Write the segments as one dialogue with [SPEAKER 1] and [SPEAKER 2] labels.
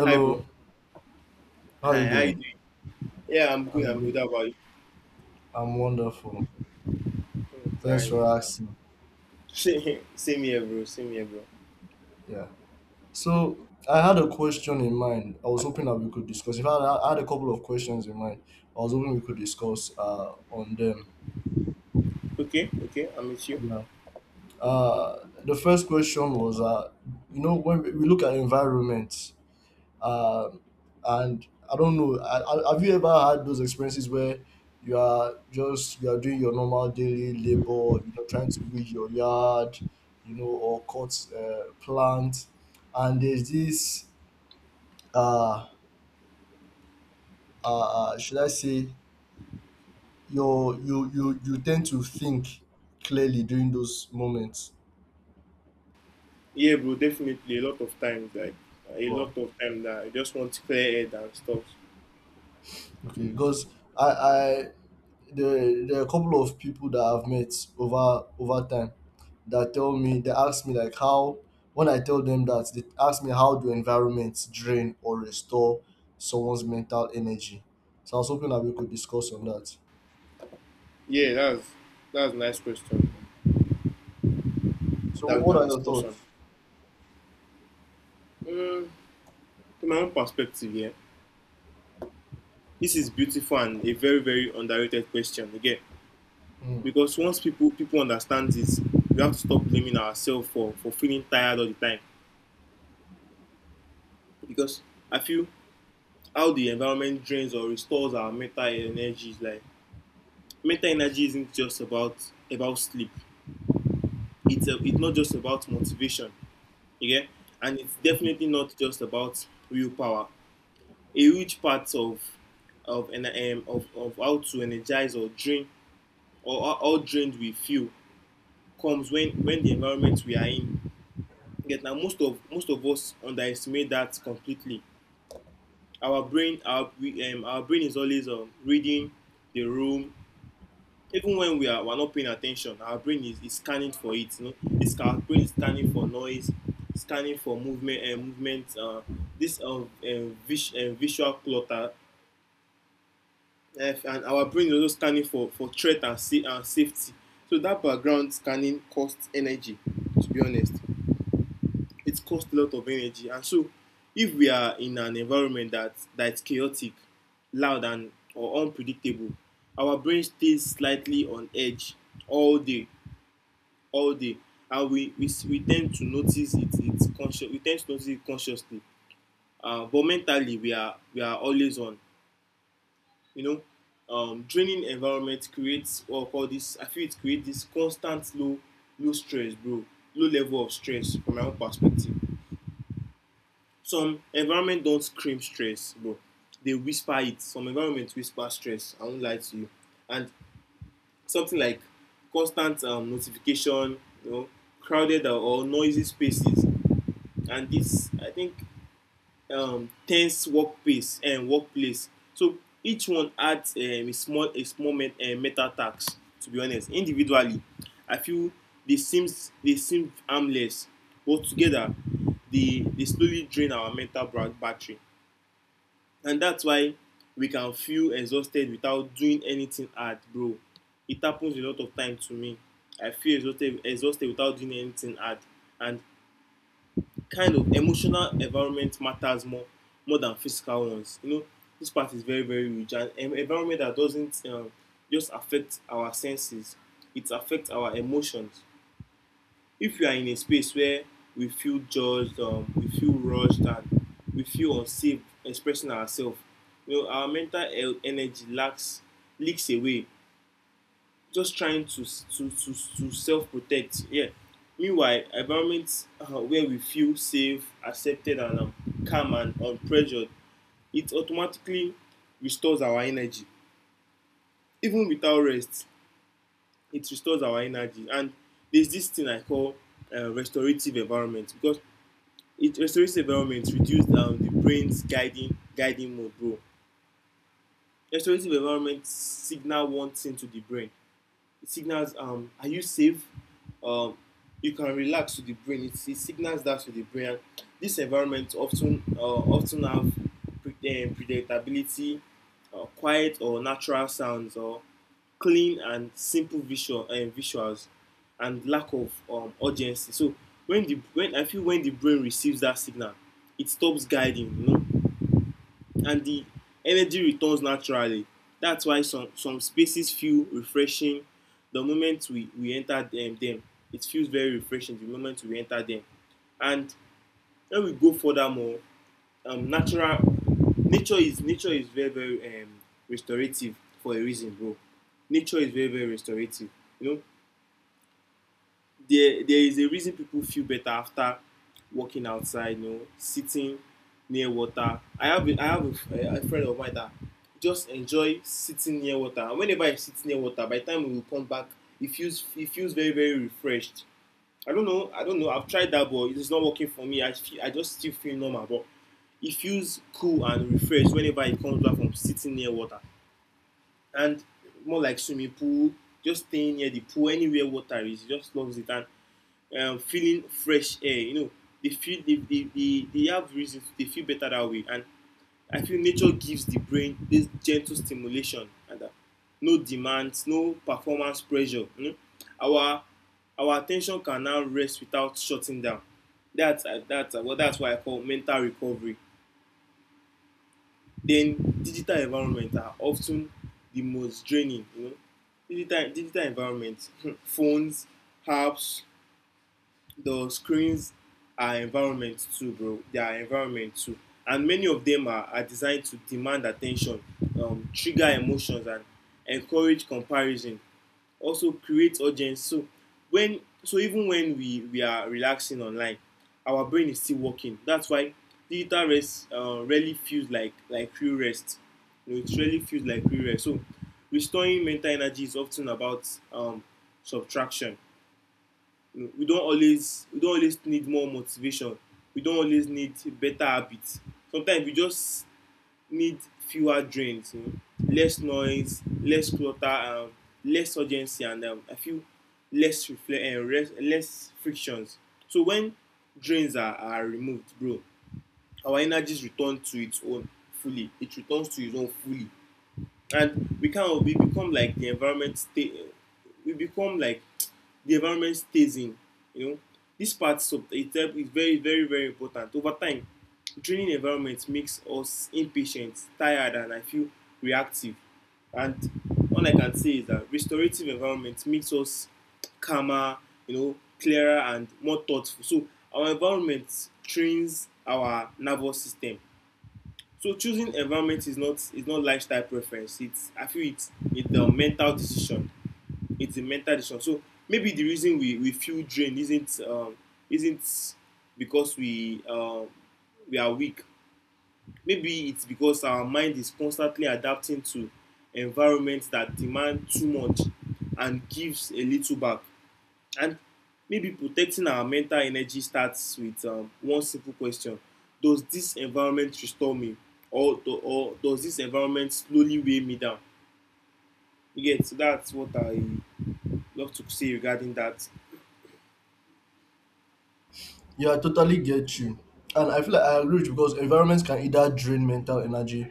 [SPEAKER 1] Hi, bro.
[SPEAKER 2] how are you
[SPEAKER 1] Hi, how you
[SPEAKER 2] doing?
[SPEAKER 1] doing? Yeah, I'm good.
[SPEAKER 2] I'm
[SPEAKER 1] I'm good.
[SPEAKER 2] good.
[SPEAKER 1] How about you?
[SPEAKER 2] I'm wonderful. Thanks for
[SPEAKER 1] Nice.
[SPEAKER 2] asking.
[SPEAKER 1] Same here, bro. Same here, bro.
[SPEAKER 2] Yeah. So I had a question in mind. I was hoping that we could discuss. If fact, I had a couple of questions in mind. I was hoping we could discuss on them.
[SPEAKER 1] Okay, okay. I'm with you.
[SPEAKER 2] Yeah. The first question was, you know, when we look at environment, Um, and I don't know. Have you ever had those experiences where you are doing your normal daily labor, you know, trying to weed your yard, you know, or cut plant, and there's this uh, should I say you tend to think clearly during those moments.
[SPEAKER 1] Yeah, bro. Definitely, a lot of times, like a
[SPEAKER 2] Wow.
[SPEAKER 1] lot of time that I just want clear head and stuff.
[SPEAKER 2] Okay, because I there are a couple of people that I've met over time that tell me they ask me like how when I tell them that they ask me how do environments drain or restore someone's mental energy. So I was hoping that we could discuss on that.
[SPEAKER 1] Yeah, that's a nice question
[SPEAKER 2] So
[SPEAKER 1] that we
[SPEAKER 2] what
[SPEAKER 1] can
[SPEAKER 2] are your
[SPEAKER 1] discuss on.
[SPEAKER 2] thoughts?
[SPEAKER 1] Mm, from my own perspective, yeah, this is beautiful and a very very underrated question again
[SPEAKER 2] Mm.
[SPEAKER 1] because once people understand this, we have to stop blaming ourselves for feeling tired all the time because I feel how the environment drains or restores our mental energies. Like mental energy isn't just about sleep. It's not just about motivation, okay? And it's definitely not just about willpower. A huge part of of how to energize or drain or how drained we feel comes when the environment we are in. Yet now most of us underestimate that completely. Our brain is always reading the room even when we're not paying attention. Our brain is scanning for it, you know. It's Our brain is scanning for noise, scanning for movement, and visual clutter, and our brain is also scanning for threat and, sa- and safety. So that background scanning costs energy, to be honest. It costs a lot of energy. And so if we are in an environment that that's chaotic, loud, and or unpredictable, our brain stays slightly on edge all day, all day. And we tend to notice it consciously. But mentally we are always on, you know. Draining environment creates what we call this, I feel. It creates this constant low, low stress, bro. Low level of stress, from my own perspective. Some environment don't scream stress, bro. They whisper it. Some environment whisper stress, I don't lie to you. And something like constant notification, you know, crowded or noisy spaces, and this, I think, tense workplace and workplace. So each one adds a small a small meta tax. To be honest, individually, I feel they seem harmless, but together they slowly drain our mental battery, and that's why we can feel exhausted without doing anything hard, bro. It happens a lot of time to me. I feel exhausted without doing anything hard, and kind of emotional environment matters more than physical ones. You know, this part is very very rich, and an environment that doesn't just affect our senses; it affects our emotions. If you are in a space where we feel judged, we feel rushed, and we feel unsafe expressing ourselves, you know, our mental energy lacks leaks away just trying to to self protect. Yeah. Meanwhile, environments where we feel safe, accepted, and calm and unpressured, it automatically restores our energy. Even without rest, it restores our energy. And there's this thing I call restorative environment, because it restorative environment reduce the brain's guiding mode, bro. Restorative environment signal one thing to the brain. It signals, are you safe? Um, you can relax, to the brain. It signals that to the brain. This environment often often have predictability, quiet or natural sounds, or clean and simple visual visuals, and lack of urgency. So when the when I feel when the brain receives that signal, it stops guiding. You know, and the energy returns naturally. That's why some spaces feel refreshing the moment we enter them. It feels very refreshing the moment we enter them. And when we go further more, natural nature is very very restorative for a reason, bro. Nature is very very restorative. You know, there is a reason people feel better after walking outside, you know, sitting near water. I have a friend of mine that just enjoy sitting near water. And whenever I sit near water, by the time we will come back, it feels very very refreshed. I don't know, I don't know. I've tried that, but it is not working for me. I feel, I just still feel normal, but it feels cool and refreshed whenever it comes back from sitting near water. And more like swimming pool, just staying near the pool, anywhere water is, just loves it. And feeling fresh air. You know, they feel they have reasons. They feel better that way. And I feel nature gives the brain this gentle stimulation and no demands, no performance pressure. You know? Our our attention can now rest without shutting down. That's what I call mental recovery. Then digital environments are often the most draining. You know, digital environments, phones, apps, the screens are environment too, bro. They are environment too, and many of them are designed to demand attention, trigger emotions, and encourage comparison. Also, create urgency. So when so even when we are relaxing online, our brain is still working. That's why digital rest really feels like real rest. You know, it really feels like real rest. So restoring mental energy is often about subtraction. We don't always need more motivation. We don't always need better habits. Sometimes we just need fewer drains, you know, less noise, less clutter, less urgency, and I feel less reflect and less frictions. So when drains are removed, bro, our energies return to its own fully. It returns to its own fully. And we kind of we become like the environment stay we become like the environment stays in, you know. This part, so it's very very very important. Over time, draining environment makes us impatient, tired, and I feel reactive. And all I can say is that restorative environment makes us calmer, you know, clearer, and more thoughtful. So our environment trains our nervous system. So choosing environment is not lifestyle preference. It's I feel It's a mental decision. It's a mental decision. So maybe the reason we feel drained isn't isn't because we are weak. Maybe it's because our mind is constantly adapting to environments that demand too much and gives a little back. And maybe protecting our mental energy starts with one simple question. Does this environment restore me? Or, or does this environment slowly weigh me down? You get. So that's what I love to say regarding that.
[SPEAKER 2] Yeah, I totally get you. And I feel like I agree with you because environments can either drain mental energy,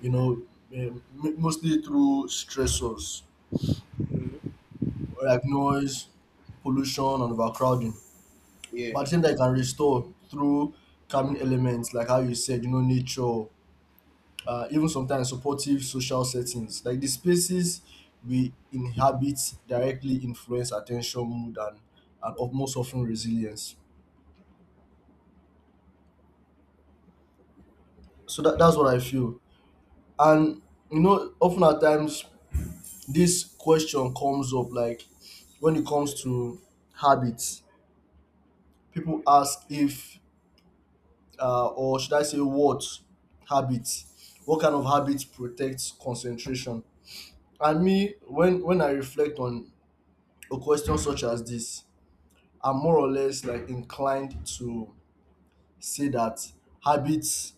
[SPEAKER 2] you know, eh, m- mostly through stressors
[SPEAKER 1] Mhm.
[SPEAKER 2] like noise, pollution, and overcrowding.
[SPEAKER 1] Yeah.
[SPEAKER 2] But at the same time, you can restore through calming elements, like how you said, you know, nature, even sometimes supportive social settings. Like the spaces we inhabit directly influence attention, mood, and of most often resilience. So that's what I feel. And, you know, often at times, this question comes up like when it comes to habits, people ask if or should I say what habit? What kind of habit protects concentration? And me, when I reflect on a question such as this, I'm more or less like inclined to say that habits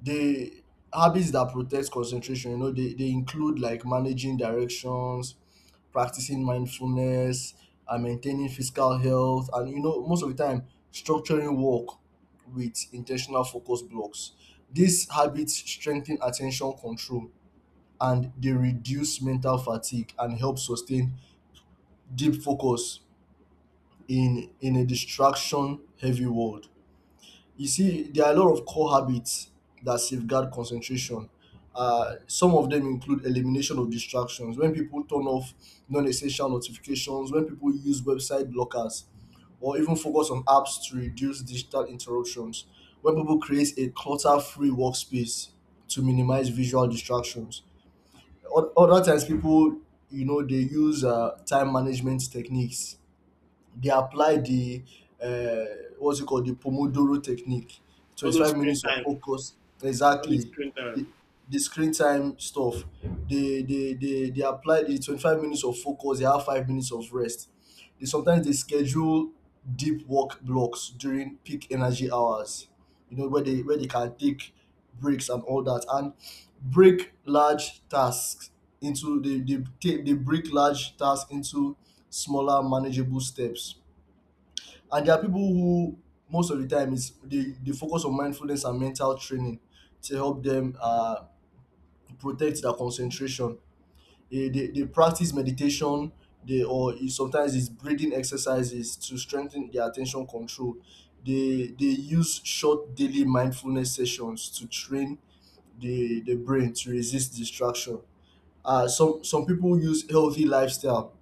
[SPEAKER 2] the habits that protect concentration, you know, they include like managing directions, practicing mindfulness, and maintaining physical health. And you know, most of the time structuring work with intentional focus blocks, these habits strengthen attention control, and they reduce mental fatigue and help sustain deep focus in a distraction heavy world. You see, there are a lot of core habits that safeguard concentration. Some of them include elimination of distractions, when people turn off non essential notifications, when people use website blockers, or even focus on apps to reduce digital interruptions, when people create a clutter free workspace to minimize visual distractions. Other times, people, you know, they use time management techniques. They apply the uh, what's it called, the Pomodoro technique.
[SPEAKER 1] All those
[SPEAKER 2] 25
[SPEAKER 1] screen
[SPEAKER 2] minutes of
[SPEAKER 1] time.
[SPEAKER 2] focus.
[SPEAKER 1] All those
[SPEAKER 2] Exactly.
[SPEAKER 1] screen time.
[SPEAKER 2] The, the screen time stuff. They apply the 25 minutes of focus, they have 5 minutes of rest. They schedule deep work blocks during peak energy hours, you know, where they can take breaks and all that, and break large tasks break large tasks into smaller manageable steps. And there are people who most of the time is they focus on mindfulness and mental training to help them protect their concentration. They practice meditation, sometimes it's breathing exercises to strengthen their attention control. They use short daily mindfulness sessions to train the brain to resist distraction. Some people use healthy lifestyle.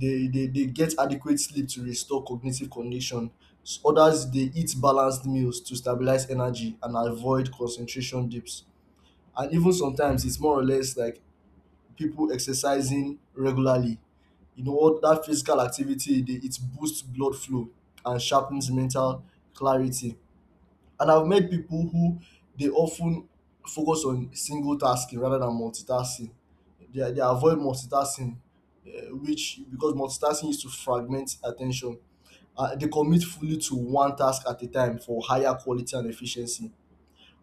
[SPEAKER 2] They get adequate sleep to restore cognitive condition. Others, they eat balanced meals to stabilize energy and avoid concentration dips. And even sometimes it's more or less like people exercising regularly, you know, what that physical activity, it boosts blood flow and sharpens mental clarity. And I've met people who they often focus on single tasking rather than multitasking. They avoid multitasking, which because multitasking is to fragment attention. They commit fully to one task at a time for higher quality and efficiency.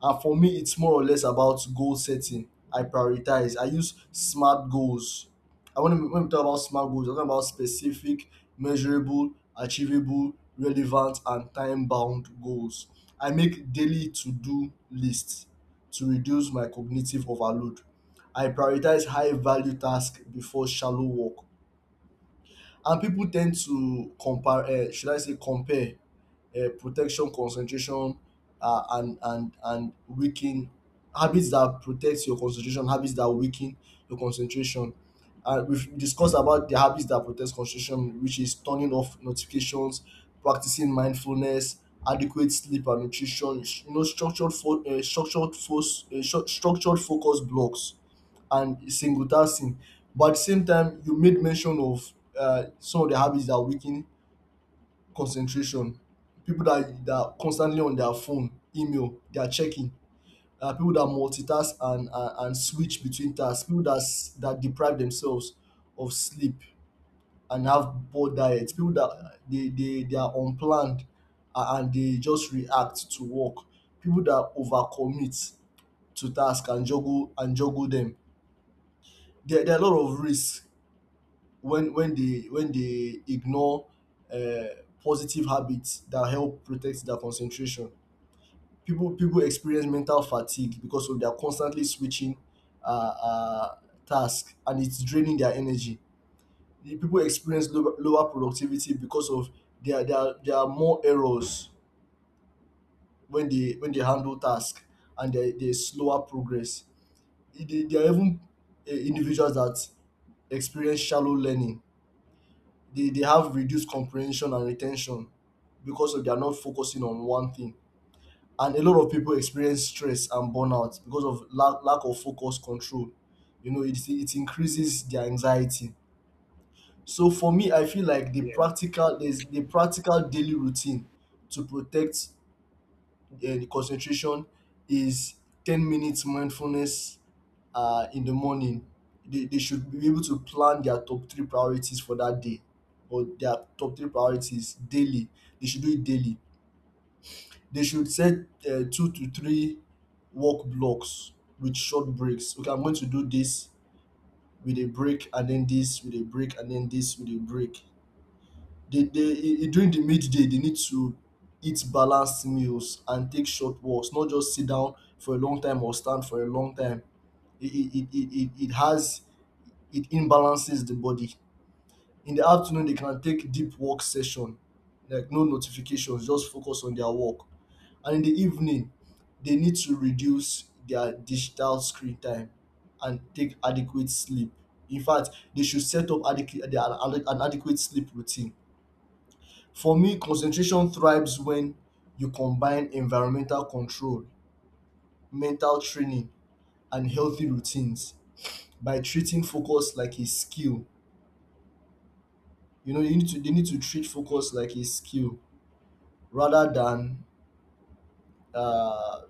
[SPEAKER 2] And for me, it's more or less about goal setting. I prioritize. I use smart goals. When we talk about smart goals, I'm talking about specific, measurable, achievable, relevant, and time bound goals. I make daily to do lists to reduce my cognitive overload. I prioritize high value tasks before shallow work. And people tend to compare should I say compare protection concentration and weaken habits that protect your concentration, habits that weaken your concentration. And we've discussed about the habits that protect concentration, which is turning off notifications, practicing mindfulness, adequate sleep and nutrition, you know, structured focus blocks and single tasking. But at the same time, you made mention of some of the habits that weaken concentration. People that are constantly on their phone, email, they are checking. People that multitask and switch between tasks. People that, that deprive themselves of sleep and have poor diets. People that they are unplanned and they just react to work. People that overcommit to task and juggle them. There are a lot of risks when they ignore uh, positive habits that help protect their concentration. People experience mental fatigue because of they are constantly switching uh, uh, tasks, and it's draining their energy. The people experience lower productivity because of there are more errors when they handle tasks, and there is slower progress. There are even individuals that experience shallow learning. They have reduced comprehension and retention because of they are not focusing on one thing. And a lot of people experience stress and burnout because of lack of focus control. You know, it increases their anxiety. So for me, I feel like
[SPEAKER 1] Yeah.
[SPEAKER 2] there's the practical daily routine to protect the concentration is 10 minutes mindfulness in the morning. They should be able to plan their top three priorities for that day or their top three priorities daily. They should do it daily. They should set two to three work blocks with short breaks. Okay, I'm going to do this with a break and then this with a break and then this with a break. During the midday, they need to eat balanced meals and take short walks, not just sit down for a long time or stand for a long time. It it it it, it has it imbalances the body. In the afternoon, they can take deep work session, like no notifications, just focus on their work. And in the evening, they need to reduce their digital screen time and take adequate sleep. In fact, they should set up an adequate sleep routine. For me, concentration thrives when you combine environmental control, mental training, and healthy routines by treating focus like a skill. You know, you need to they need to treat focus like a skill rather than uh,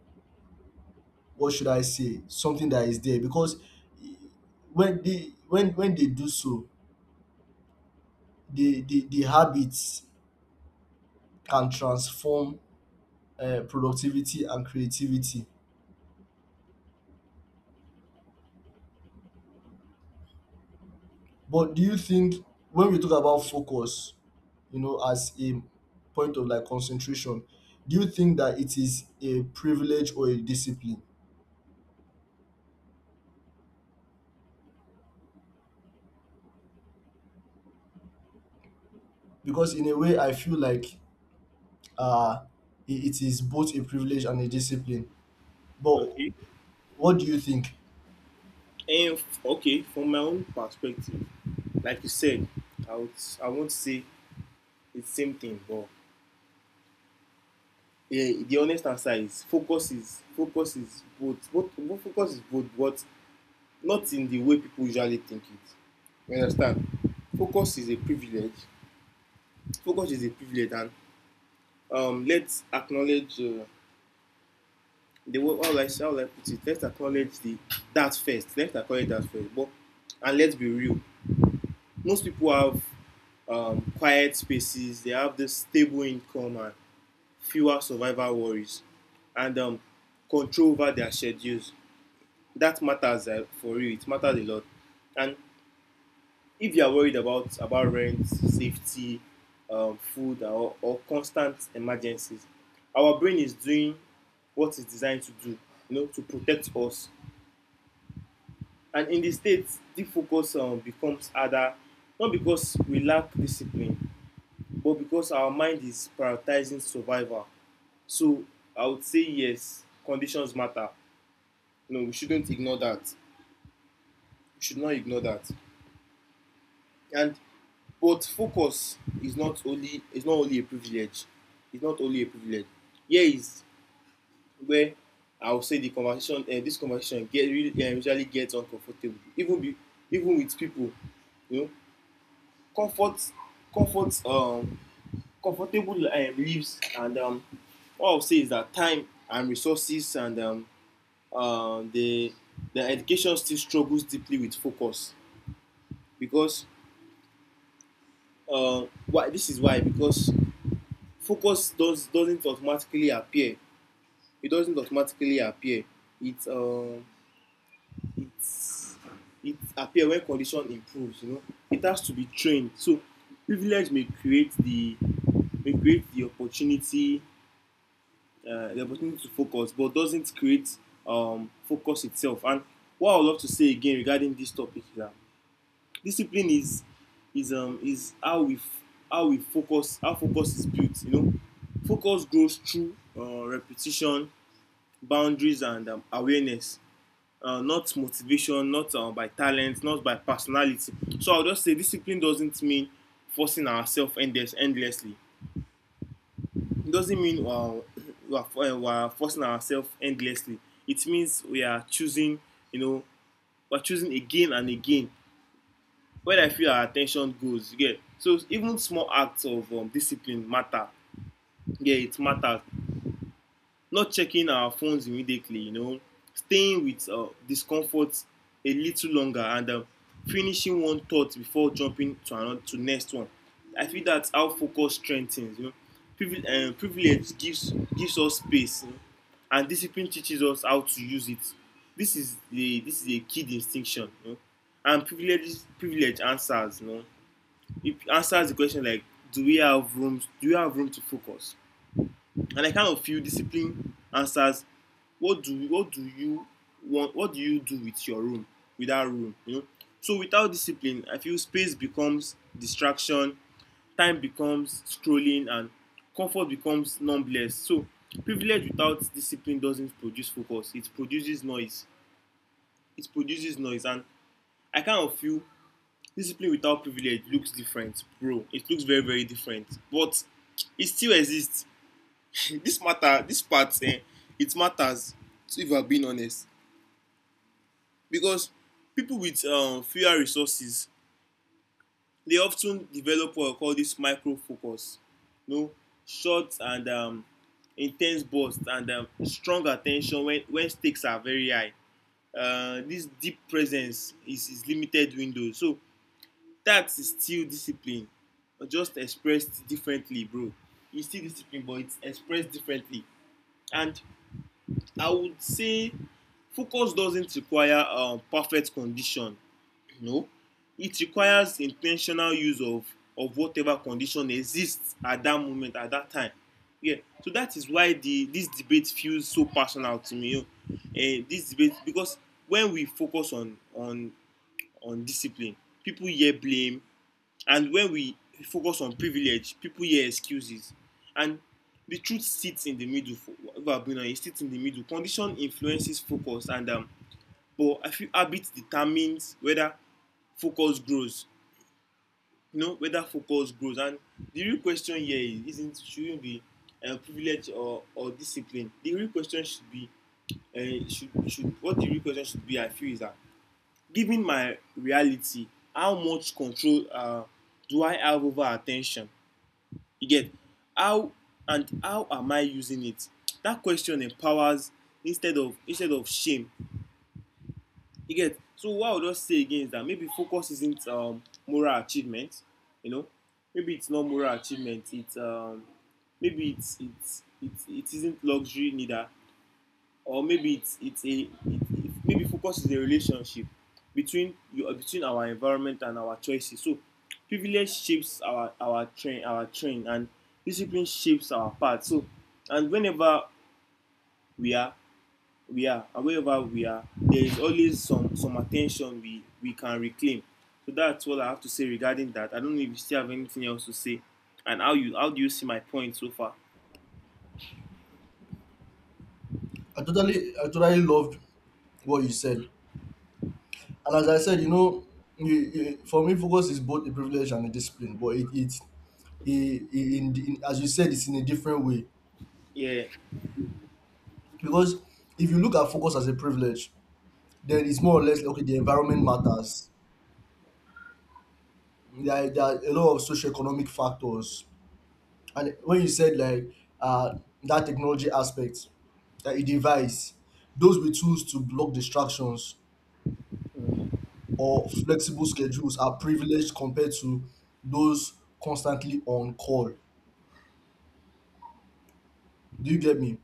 [SPEAKER 2] what should I say, something that is there. Because when they do so, the habits can transform productivity and creativity. But do you think when we talk about focus, you know, as a point of like concentration, do you think that it is a privilege or a discipline? Because in a way, I feel like uh, it is both a privilege and a discipline. But
[SPEAKER 1] Okay.
[SPEAKER 2] what do you think?
[SPEAKER 1] Okay, from my own perspective, like you said, I would I won't say it's same thing, but yeah, the honest answer is focus is both, both, both focus is both, but not in the way people usually think it. You understand? Focus is a privilege. Focus is a privilege, and let's acknowledge the way how I how will I put it. Let's acknowledge the that first. Let's acknowledge that first. But And let's be real. Most people have quiet spaces. They have this stable income and fewer survival worries, and control over their schedules. That matters for real. It matters a lot. And if you are worried about rent, safety, food, or constant emergencies, our brain is doing what it's designed to do, you know, to protect us. And in the state, the focus becomes harder, not because we lack discipline, but because our mind is prioritizing survival. So I would say yes, conditions matter. No, we shouldn't ignore that. We should not ignore that. And But focus is not only a privilege. It's not only a privilege. Here is where I would say the conversation this conversation get really usually gets uncomfortable. Even with people, you know, comfort comfort um comfortable lives. And what I would say is that time and resources and the education still struggles deeply with focus, because why this is why because focus doesn't automatically appear. It doesn't automatically appear. It um it's it appear when condition improves. You know, it has to be trained. So privilege may create the opportunity, to focus, but doesn't create focus itself. And what I would love to say again regarding this topic is that discipline is how we f- how we focus how focus is built, you know. Focus grows through repetition, boundaries, and awareness, not motivation, not by talent, not by personality. So I'll just say discipline doesn't mean forcing ourselves endlessly. It doesn't mean we, are, we are forcing ourselves endlessly. It means we are choosing, you know we're choosing again and again where I feel our attention goes. Yeah. So even small acts of discipline matter. Yeah, it matters. Not checking our phones immediately, staying with discomfort a little longer, and finishing one thought before jumping to next one. I feel that's how focus strengthens. Privilege gives us space, and discipline teaches us how to use it. This is a key distinction. And privilege answers. It answers the question, like, do we have room to focus. And I kind of feel discipline answers, what do you want, what do you do with that room. So without discipline, I feel space becomes distraction, time becomes scrolling, and comfort becomes numbless. So privilege without discipline doesn't produce focus, it produces noise, and I kind of feel discipline without privilege looks different, bro, it looks very, very different, but it still exists. this matter this part, it matters. So if I'm being honest, because people with fewer resources, they often develop what I call this micro focus, you know short and intense bursts, and strong attention, when stakes are very high. This deep presence is limited window, so that is still discipline, but just expressed differently, bro, it's still discipline, but it's expressed differently. And I would say focus doesn't require perfect condition. No, it requires intentional use of whatever condition exists at that moment, at that time. Yeah. So that is why the this debate feels so personal to me, you know eh this debate because when we focus on discipline, people hear blame. And when we focus on privilege, people hear excuses. And the truth sits in the middle, for whatever going on, it sits in the middle. Condition influences focus, and but I feel habit determines whether focus grows. You know, whether focus grows. And the real question here is isn't shouldn't be privilege or discipline. The real question should be should what the real question should be, I feel, is that, given my reality, how much control do I have over attention? You get? How and how am I using it? That question empowers instead of shame. You get. So what I would just say again is that maybe focus isn't moral achievement. You know, maybe it's not moral achievement. It isn't luxury neither. Or maybe it's a it, Maybe focus is a relationship between you between our environment and our choices. So privilege shapes our train, and discipline shapes our path. So and whenever we are we are and wherever we are, there is always some attention we can reclaim. So that's all I have to say regarding that. I don't know if you still have anything else to say, and how do you see my point so far?
[SPEAKER 2] I totally loved what you said. And as I said, you know, for me, focus is both a privilege and a discipline. But in, as you said, it's in a different way.
[SPEAKER 1] Yeah,
[SPEAKER 2] Because if you look at focus as a privilege, then it's more or less okay, the environment matters. There are a lot of socioeconomic factors. And when you said like uh, that technology aspect, that a device, those with tools to block distractions or flexible schedules are privileged compared to those constantly on call. Do you get me?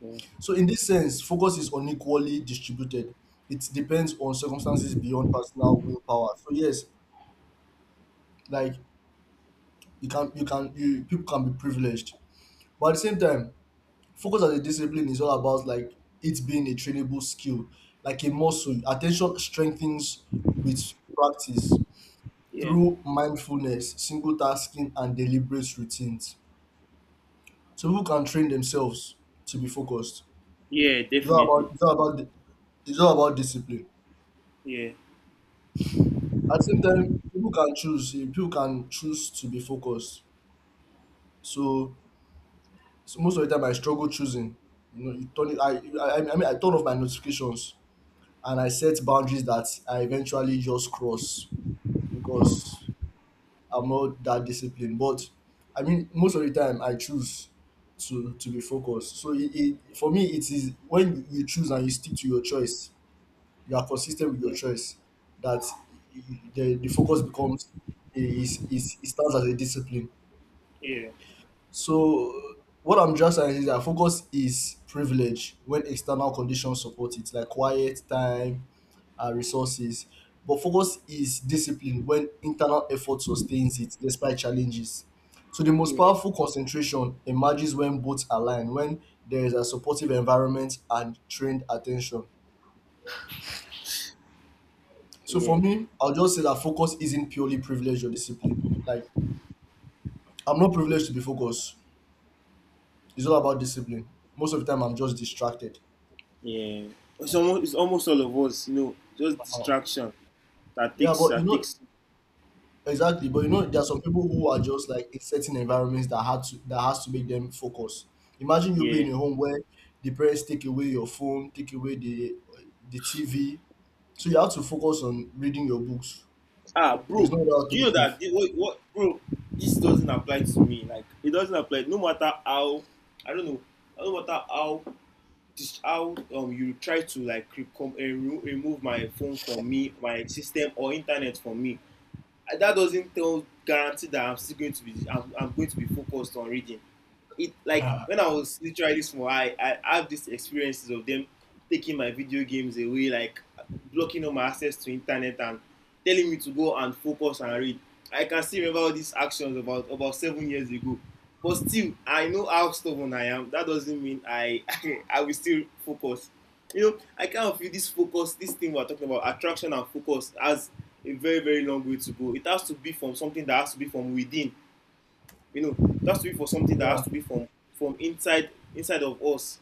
[SPEAKER 1] yeah,
[SPEAKER 2] So in this sense, focus is unequally distributed. It depends on circumstances beyond personal willpower. So yes, like you can you can you people can be privileged, but at the same time focus as a discipline is all about like it being a trainable skill, like a muscle. Attention strengthens with practice
[SPEAKER 1] yeah,
[SPEAKER 2] through mindfulness, single tasking, and deliberate routines. So people can train themselves to be focused.
[SPEAKER 1] yeah, definitely.
[SPEAKER 2] It's all about it's all about discipline.
[SPEAKER 1] Yeah.
[SPEAKER 2] At the same time, people can choose to be focused. So so most of the time I struggle choosing. You know, you turn it, I, I mean I turn off my notifications and I set boundaries that I eventually just cross
[SPEAKER 1] Yeah.
[SPEAKER 2] because I'm not that disciplined. But I mean most of the time I choose to be focused. So it for me it is when you choose and you stick to your choice, you are consistent with your
[SPEAKER 1] Yeah.
[SPEAKER 2] choice that the focus becomes is it stands as a discipline.
[SPEAKER 1] Yeah.
[SPEAKER 2] So what I'm just saying is that focus is privilege when external conditions support it, like quiet time, resources. But focus is discipline when internal effort sustains it despite challenges. So the most
[SPEAKER 1] Yeah,
[SPEAKER 2] powerful concentration emerges when both align, when there is a supportive environment and trained attention. So for
[SPEAKER 1] yeah,
[SPEAKER 2] me, I'll just say that focus isn't purely privilege or discipline. Like I'm not privileged to be focused. It's all about discipline. Most of the time, I'm just distracted.
[SPEAKER 1] yeah. It's almost all of us, just
[SPEAKER 2] Um,
[SPEAKER 1] distraction
[SPEAKER 2] Yeah, but you
[SPEAKER 1] that
[SPEAKER 2] know
[SPEAKER 1] takes.
[SPEAKER 2] exactly. But you know, there are some people who are just like in certain environments that had to that has to make them focus. Imagine you being
[SPEAKER 1] Yeah.
[SPEAKER 2] in a home where the parents take away your phone, take away the TV, so you have to focus on reading your books.
[SPEAKER 1] Ah, bro,
[SPEAKER 2] There's no other
[SPEAKER 1] do you know that,
[SPEAKER 2] alternative.
[SPEAKER 1] what, bro? This doesn't apply to me. Like, it doesn't apply. No matter how, I don't know. I don't matter how you try to, like, remove my phone from me, my system or internet from me. Ah, that doesn't tell guarantee that I'm still going to be I'm going to be focused on reading. It like when I was literally small, I have these experiences of them taking my video games away, like blocking all my access to internet, and telling me to go and focus and read. I can still remember all these actions about 7 years ago. But still, I know how stubborn I am. That doesn't mean I I will still focus. You know, I kind of feel this focus, this thing we're talking about, attraction and focus, has a very, very long way to go. It has to be from something that has to be from within, you know, it has to be for something that
[SPEAKER 2] Yeah,
[SPEAKER 1] has to be from inside of us.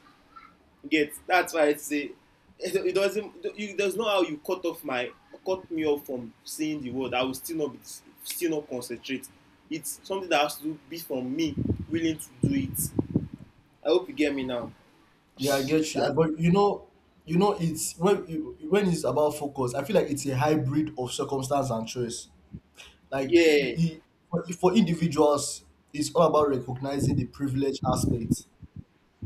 [SPEAKER 1] Get, that's why I say it doesn't. There's no how you cut me off from seeing the world. I will still not concentrate. It's something that has to be from me willing to do it. I hope you get me now.
[SPEAKER 2] yeah, I get you.
[SPEAKER 1] That
[SPEAKER 2] But you know, it's when it's about focus. I feel like it's a hybrid of circumstance and choice. Like i-
[SPEAKER 1] Yeah,
[SPEAKER 2] i- for individuals, it's all about recognizing the privilege aspect.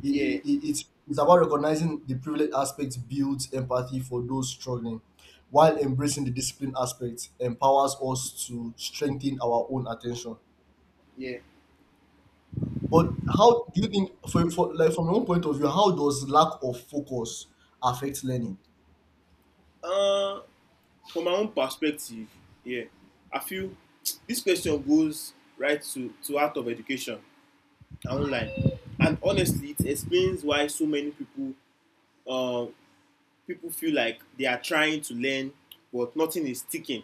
[SPEAKER 2] it,
[SPEAKER 1] yeah,
[SPEAKER 2] it, it's it's about recognizing the privilege aspect builds empathy for those struggling, while embracing the discipline aspect empowers us to strengthen our own attention.
[SPEAKER 1] yeah.
[SPEAKER 2] But how do you think, for like from your own point of view, how does lack of focus affect learning?
[SPEAKER 1] Uh, from my own perspective, yeah, I feel this question goes right to out of education online. And honestly, it explains why so many uh, people feel like they are trying to learn, but nothing is sticking.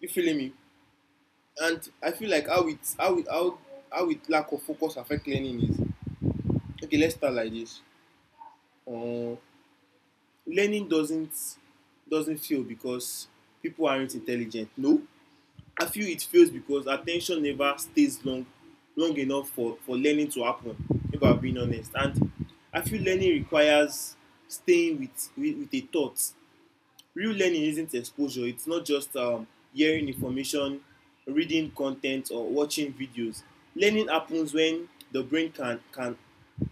[SPEAKER 1] You feeling me? And I feel like how it how it, how it lack of focus affect learning is. Okay, let's start like this. Uh, learning doesn't feel because people aren't intelligent. No, I feel it fails because attention never stays long enough for learning to happen, if I'm being honest. And I feel learning requires staying with a thought. Real learning isn't exposure, it's not just hearing information, reading content, or watching videos. Learning happens when the brain can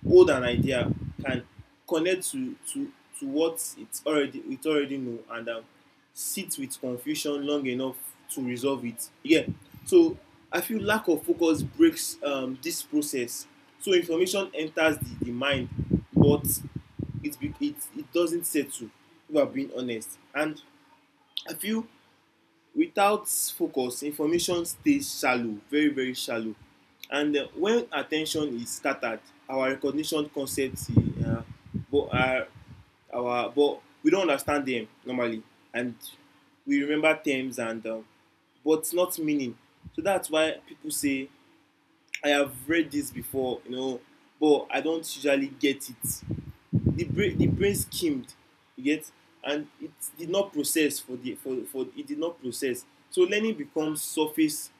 [SPEAKER 1] hold an idea, can connect to what it already know, and sit with confusion long enough to resolve it. Yeah. So I feel lack of focus breaks this process. So information enters the mind, but it doesn't settle, if I'm being honest. And I feel without focus, information stays shallow, very, very shallow. And when attention is scattered, our recognition concepts, uh, but uh, but we don't understand them normally. And we remember terms, and but not meaning. So that's why people say, I have read this before, but I don't usually get it. The brain skimmed, you get, and it did not process. For the for it did not process So learning becomes surface,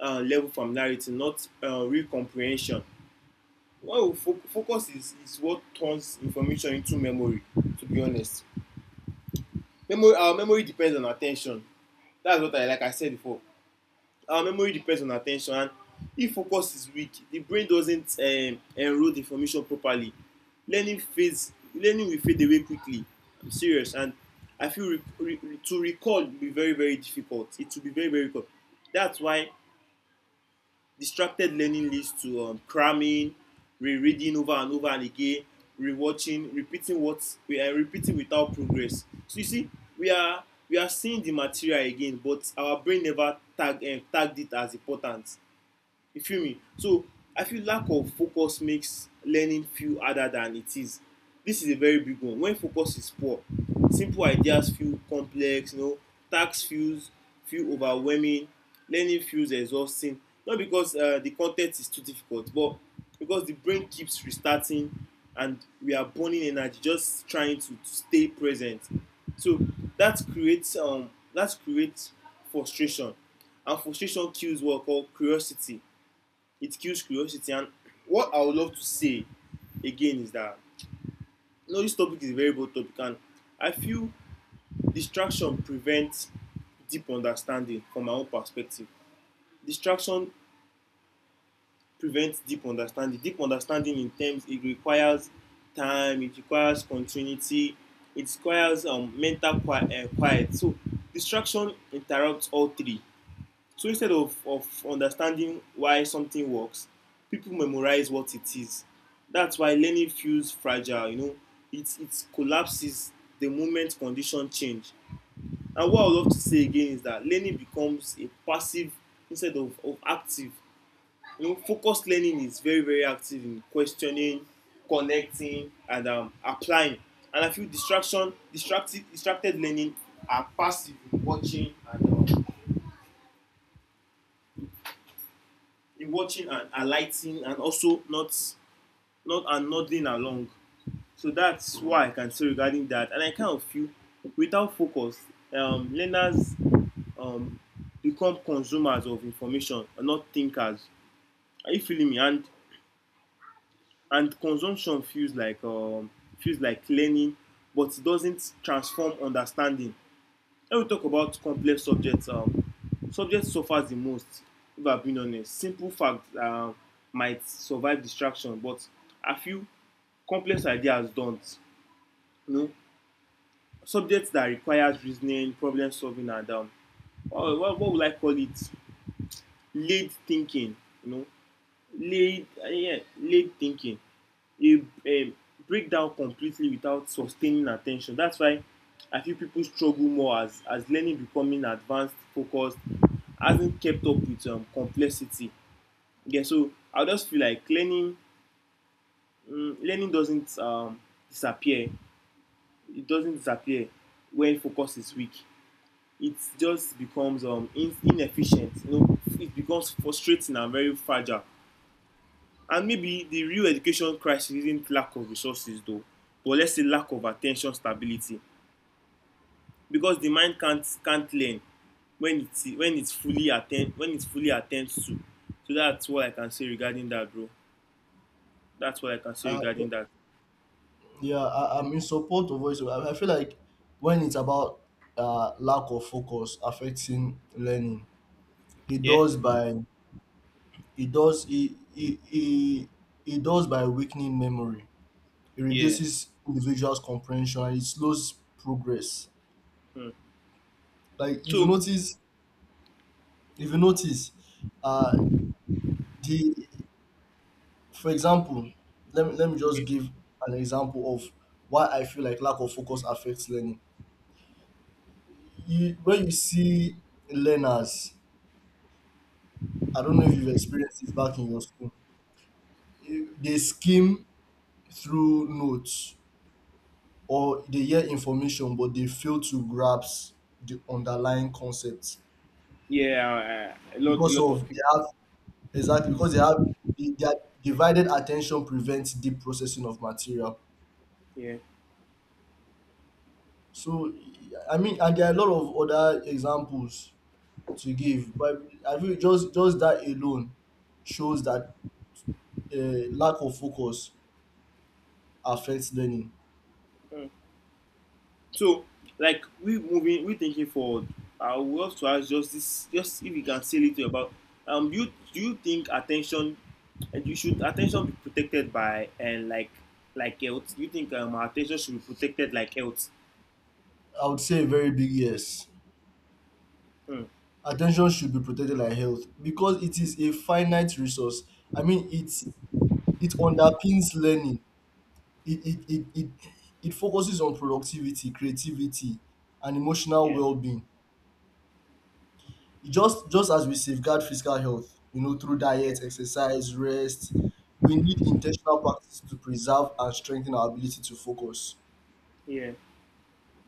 [SPEAKER 1] level familiarity, not real comprehension. Well, fo focus is what turns information into memory, to be honest. Memory our uh, memory depends on at ten tion. That's what I like I said before. Our memory depends on attention, and if focus is weak, the brain doesn't enroll the information properly. Learning will fade away quickly, I'm serious. And I feel re, re, to recall will be very, very difficult, it will be very, very difficult. That's why distracted learning leads to cramming, rereading over and over and again, rewatching, repeating what we are repeating without progress. So you see, we are we are seeing the material again, but our brain never tagged it as important. You feel me. So I feel lack of focus makes learning feel harder than it is. This is a very big one. When focus is poor, simple ideas feel complex, tasks feel overwhelming, learning feels exhausting, not because the content is too difficult, but because the brain keeps restarting, and we are burning energy just trying to stay present. So that creates frustration. And frustration kills what we call curiosity, it kills curiosity. And what I would love to say again is that, this topic is a very broad topic, and I feel distraction prevents deep understanding. From my own perspective, distraction prevents deep understanding deep understanding, in terms, it requires time, it requires continuity, it requires mental quiet. So distraction interrupts all three. So instead of understanding why something works, people memorize what it is. That's why learning feels fragile. It collapses the moment conditions change. And what I would love to say again is that learning becomes a passive instead of active. Focused learning is very, very active in questioning, connecting, and applying. And I feel distracted learning are passive in watching, and in watching and alighting, and also not and nodding along. So that's why I can say regarding that. And I kind of feel without focus, learners um, become consumers of information and not thinkers. Are you feeling me? And consumption feels like learning, but it doesn't transform understanding. When we talk about complex subjects, subjects suffer the most, if I'm being honest. Simple facts might survive distraction, but a few complex ideas don't. You know, subjects that requires reasoning, problem solving, and what would I call it? Laid thinking. You know, laid thinking. You Break down completely without sustaining attention. That's why I feel people struggle more as learning becoming advanced focused hasn't kept up with complexity. Yeah, so I just feel like learning doesn't disappear. It doesn't disappear when focus is weak. It just becomes inefficient, it becomes frustrating and very fragile. And maybe the real education crisis isn't lack of resources though, but let's say lack of attention stability. Because the mind can't learn when it's fully attend when it fully attends to. So that's what I can say regarding that, bro. That's what I can say
[SPEAKER 2] Uh,
[SPEAKER 1] regarding that.
[SPEAKER 2] yeah, I'm in support of voice. I feel like when it's about lack of focus affecting learning, it
[SPEAKER 1] Yeah,
[SPEAKER 2] does by it does it, it, it, it does by weakening memory. It
[SPEAKER 1] yeah.
[SPEAKER 2] reduces individuals' comprehension and it slows progress.
[SPEAKER 1] Hmm.
[SPEAKER 2] Like
[SPEAKER 1] So
[SPEAKER 2] if you notice, uh, the for example, let me just
[SPEAKER 1] okay.
[SPEAKER 2] give an example of why I feel like lack of focus affects learning. You when you see learners, I don't know if you've experienced this back in your school. They skim through notes or they hear information, but they fail to grasp the underlying concepts
[SPEAKER 1] Yeah, a
[SPEAKER 2] because
[SPEAKER 1] lot of
[SPEAKER 2] of they
[SPEAKER 1] people.
[SPEAKER 2] have Exactly, because they have their divided attention prevents deep processing of material.
[SPEAKER 1] Yeah.
[SPEAKER 2] So, I mean, and there are a lot of other examples to give, but I think just that alone shows that lack of focus affects learning.
[SPEAKER 1] Hmm. So, like we moving, we thinking forward. I would love to ask just this, just if you can say a little about. Do you think attention, and you should attention be protected by and like health? You think our attention should be protected like health?
[SPEAKER 2] I would say a very big yes.
[SPEAKER 1] Mm,
[SPEAKER 2] Attention should be protected like health because it is a finite resource. I mean, it's it underpins learning. it it it it it focuses on productivity, creativity, and emotional
[SPEAKER 1] yeah,
[SPEAKER 2] well-being. It just as we safeguard physical health, you know, through
[SPEAKER 1] yeah,
[SPEAKER 2] diet, exercise, rest, we need intentional practice to preserve and strengthen our ability to focus.
[SPEAKER 1] yeah,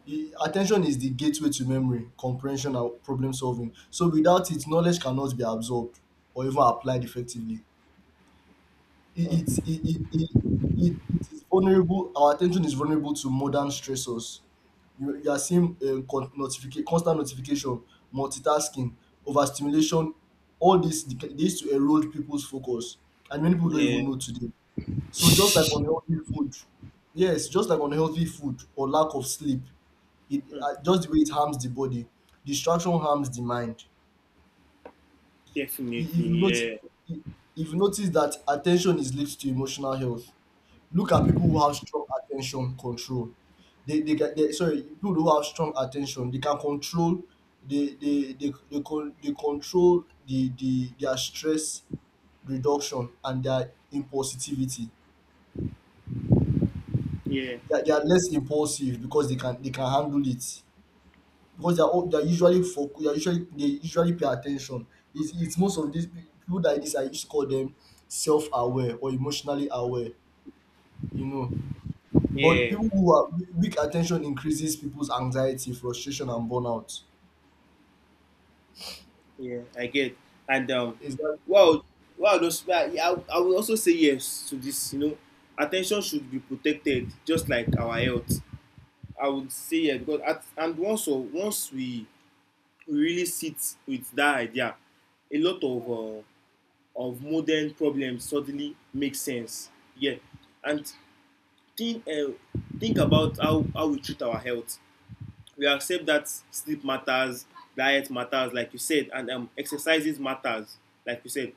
[SPEAKER 2] E- at is the gateway to memory, comprehension, and problem solving, so without it knowledge cannot be absorbed or even applied effectively. E, it
[SPEAKER 1] mm,
[SPEAKER 2] it it it it it is vulnerable. Our attention is vulnerable to modern stressors. You are seeing notification, constant notification, multitasking, overstimulation. All this they used to erode people's focus, and many people don't
[SPEAKER 1] yeah.
[SPEAKER 2] even know today. So just like unhealthy food, yes, just like unhealthy food or lack of sleep, it
[SPEAKER 1] Mm,
[SPEAKER 2] just the way it harms the body, distraction harms the mind. I-
[SPEAKER 1] definitely,
[SPEAKER 2] If you notice,
[SPEAKER 1] yeah,
[SPEAKER 2] if you notice that attention is linked to emotional health. Look at people who have strong attention control. They can they sorry, People who have strong attention, they can control they control the their stress reduction and their impulsivity.
[SPEAKER 1] yeah,
[SPEAKER 2] They are less impulsive because they can handle it because they are usually focus, they are usually, they usually pay attention. It's most of these people that this I used to call them self aware or emotionally aware. You know. But
[SPEAKER 1] yeah.
[SPEAKER 2] people who are weak attention increases people's anxiety, frustration, and burnout.
[SPEAKER 1] Yeah, I get. And
[SPEAKER 2] Is that
[SPEAKER 1] wow, wow, those, I would also say yes to this. You know, attention should be protected, just like our health. I would say yes because at, and once we really sit with that idea, a lot of modern problems suddenly make sense. Yeah, and think uh, think about how we treat our health. We accept that sleep matters, diet matters, like you said, and exercises matters, like you said.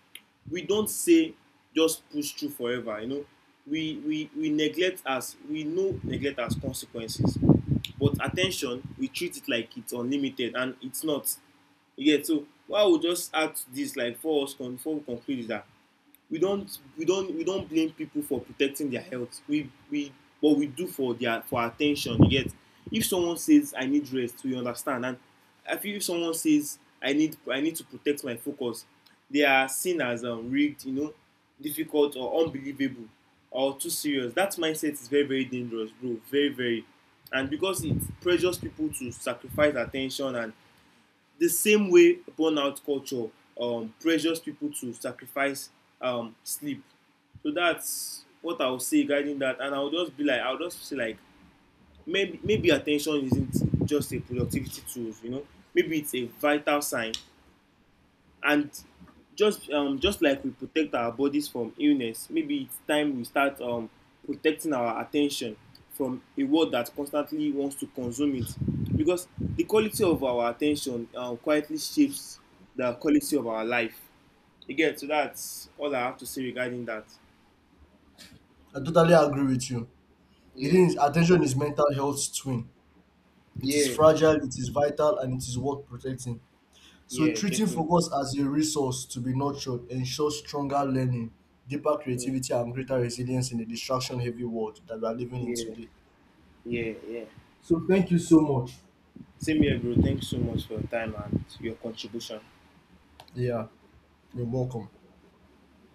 [SPEAKER 1] We don't say just push through forever, you know. We neglect as we know neglect as consequences, but attention we treat it like it's unlimited and it's not. Yeah, so why we just add to this, like for us conclude is that we don't blame people for protecting their health. We what we do for their for attention, you get. If someone says I need rest, we understand. And I feel if someone says I need to protect my focus, they are seen as rigged, you know, difficult or unbelievable or too serious. That mindset is very very dangerous, bro, very very. And because it pressures people to sacrifice attention, and the same way burnout culture pressures people to sacrifice sleep. So that's what I'll say regarding that, and I'll just be like, I'll just say like, maybe attention isn't just a productivity tool, you know. Maybe it's a vital sign. And just like we protect our bodies from illness, maybe it's time we start protecting our attention from a world that constantly wants to consume it, because the quality of our attention quietly shapes the quality of our life again. So that's all I have to say regarding that.
[SPEAKER 2] I totally agree with you. The
[SPEAKER 1] Yeah.
[SPEAKER 2] thing is, attention is mental health's twin. It is
[SPEAKER 1] Yeah.
[SPEAKER 2] fragile, it is vital, and it is worth protecting. So
[SPEAKER 1] Yeah,
[SPEAKER 2] treating
[SPEAKER 1] definitely.
[SPEAKER 2] focus as a resource to be nurtured ensures stronger learning, deeper
[SPEAKER 1] Mm,
[SPEAKER 2] creativity, and greater resilience in the distraction-heavy world that we are living in
[SPEAKER 1] yeah,
[SPEAKER 2] today.
[SPEAKER 1] yeah, yeah.
[SPEAKER 2] So thank you so much.
[SPEAKER 1] Same here, bro. Thanks so much for your time and your contribution.
[SPEAKER 2] Yeah, you're welcome.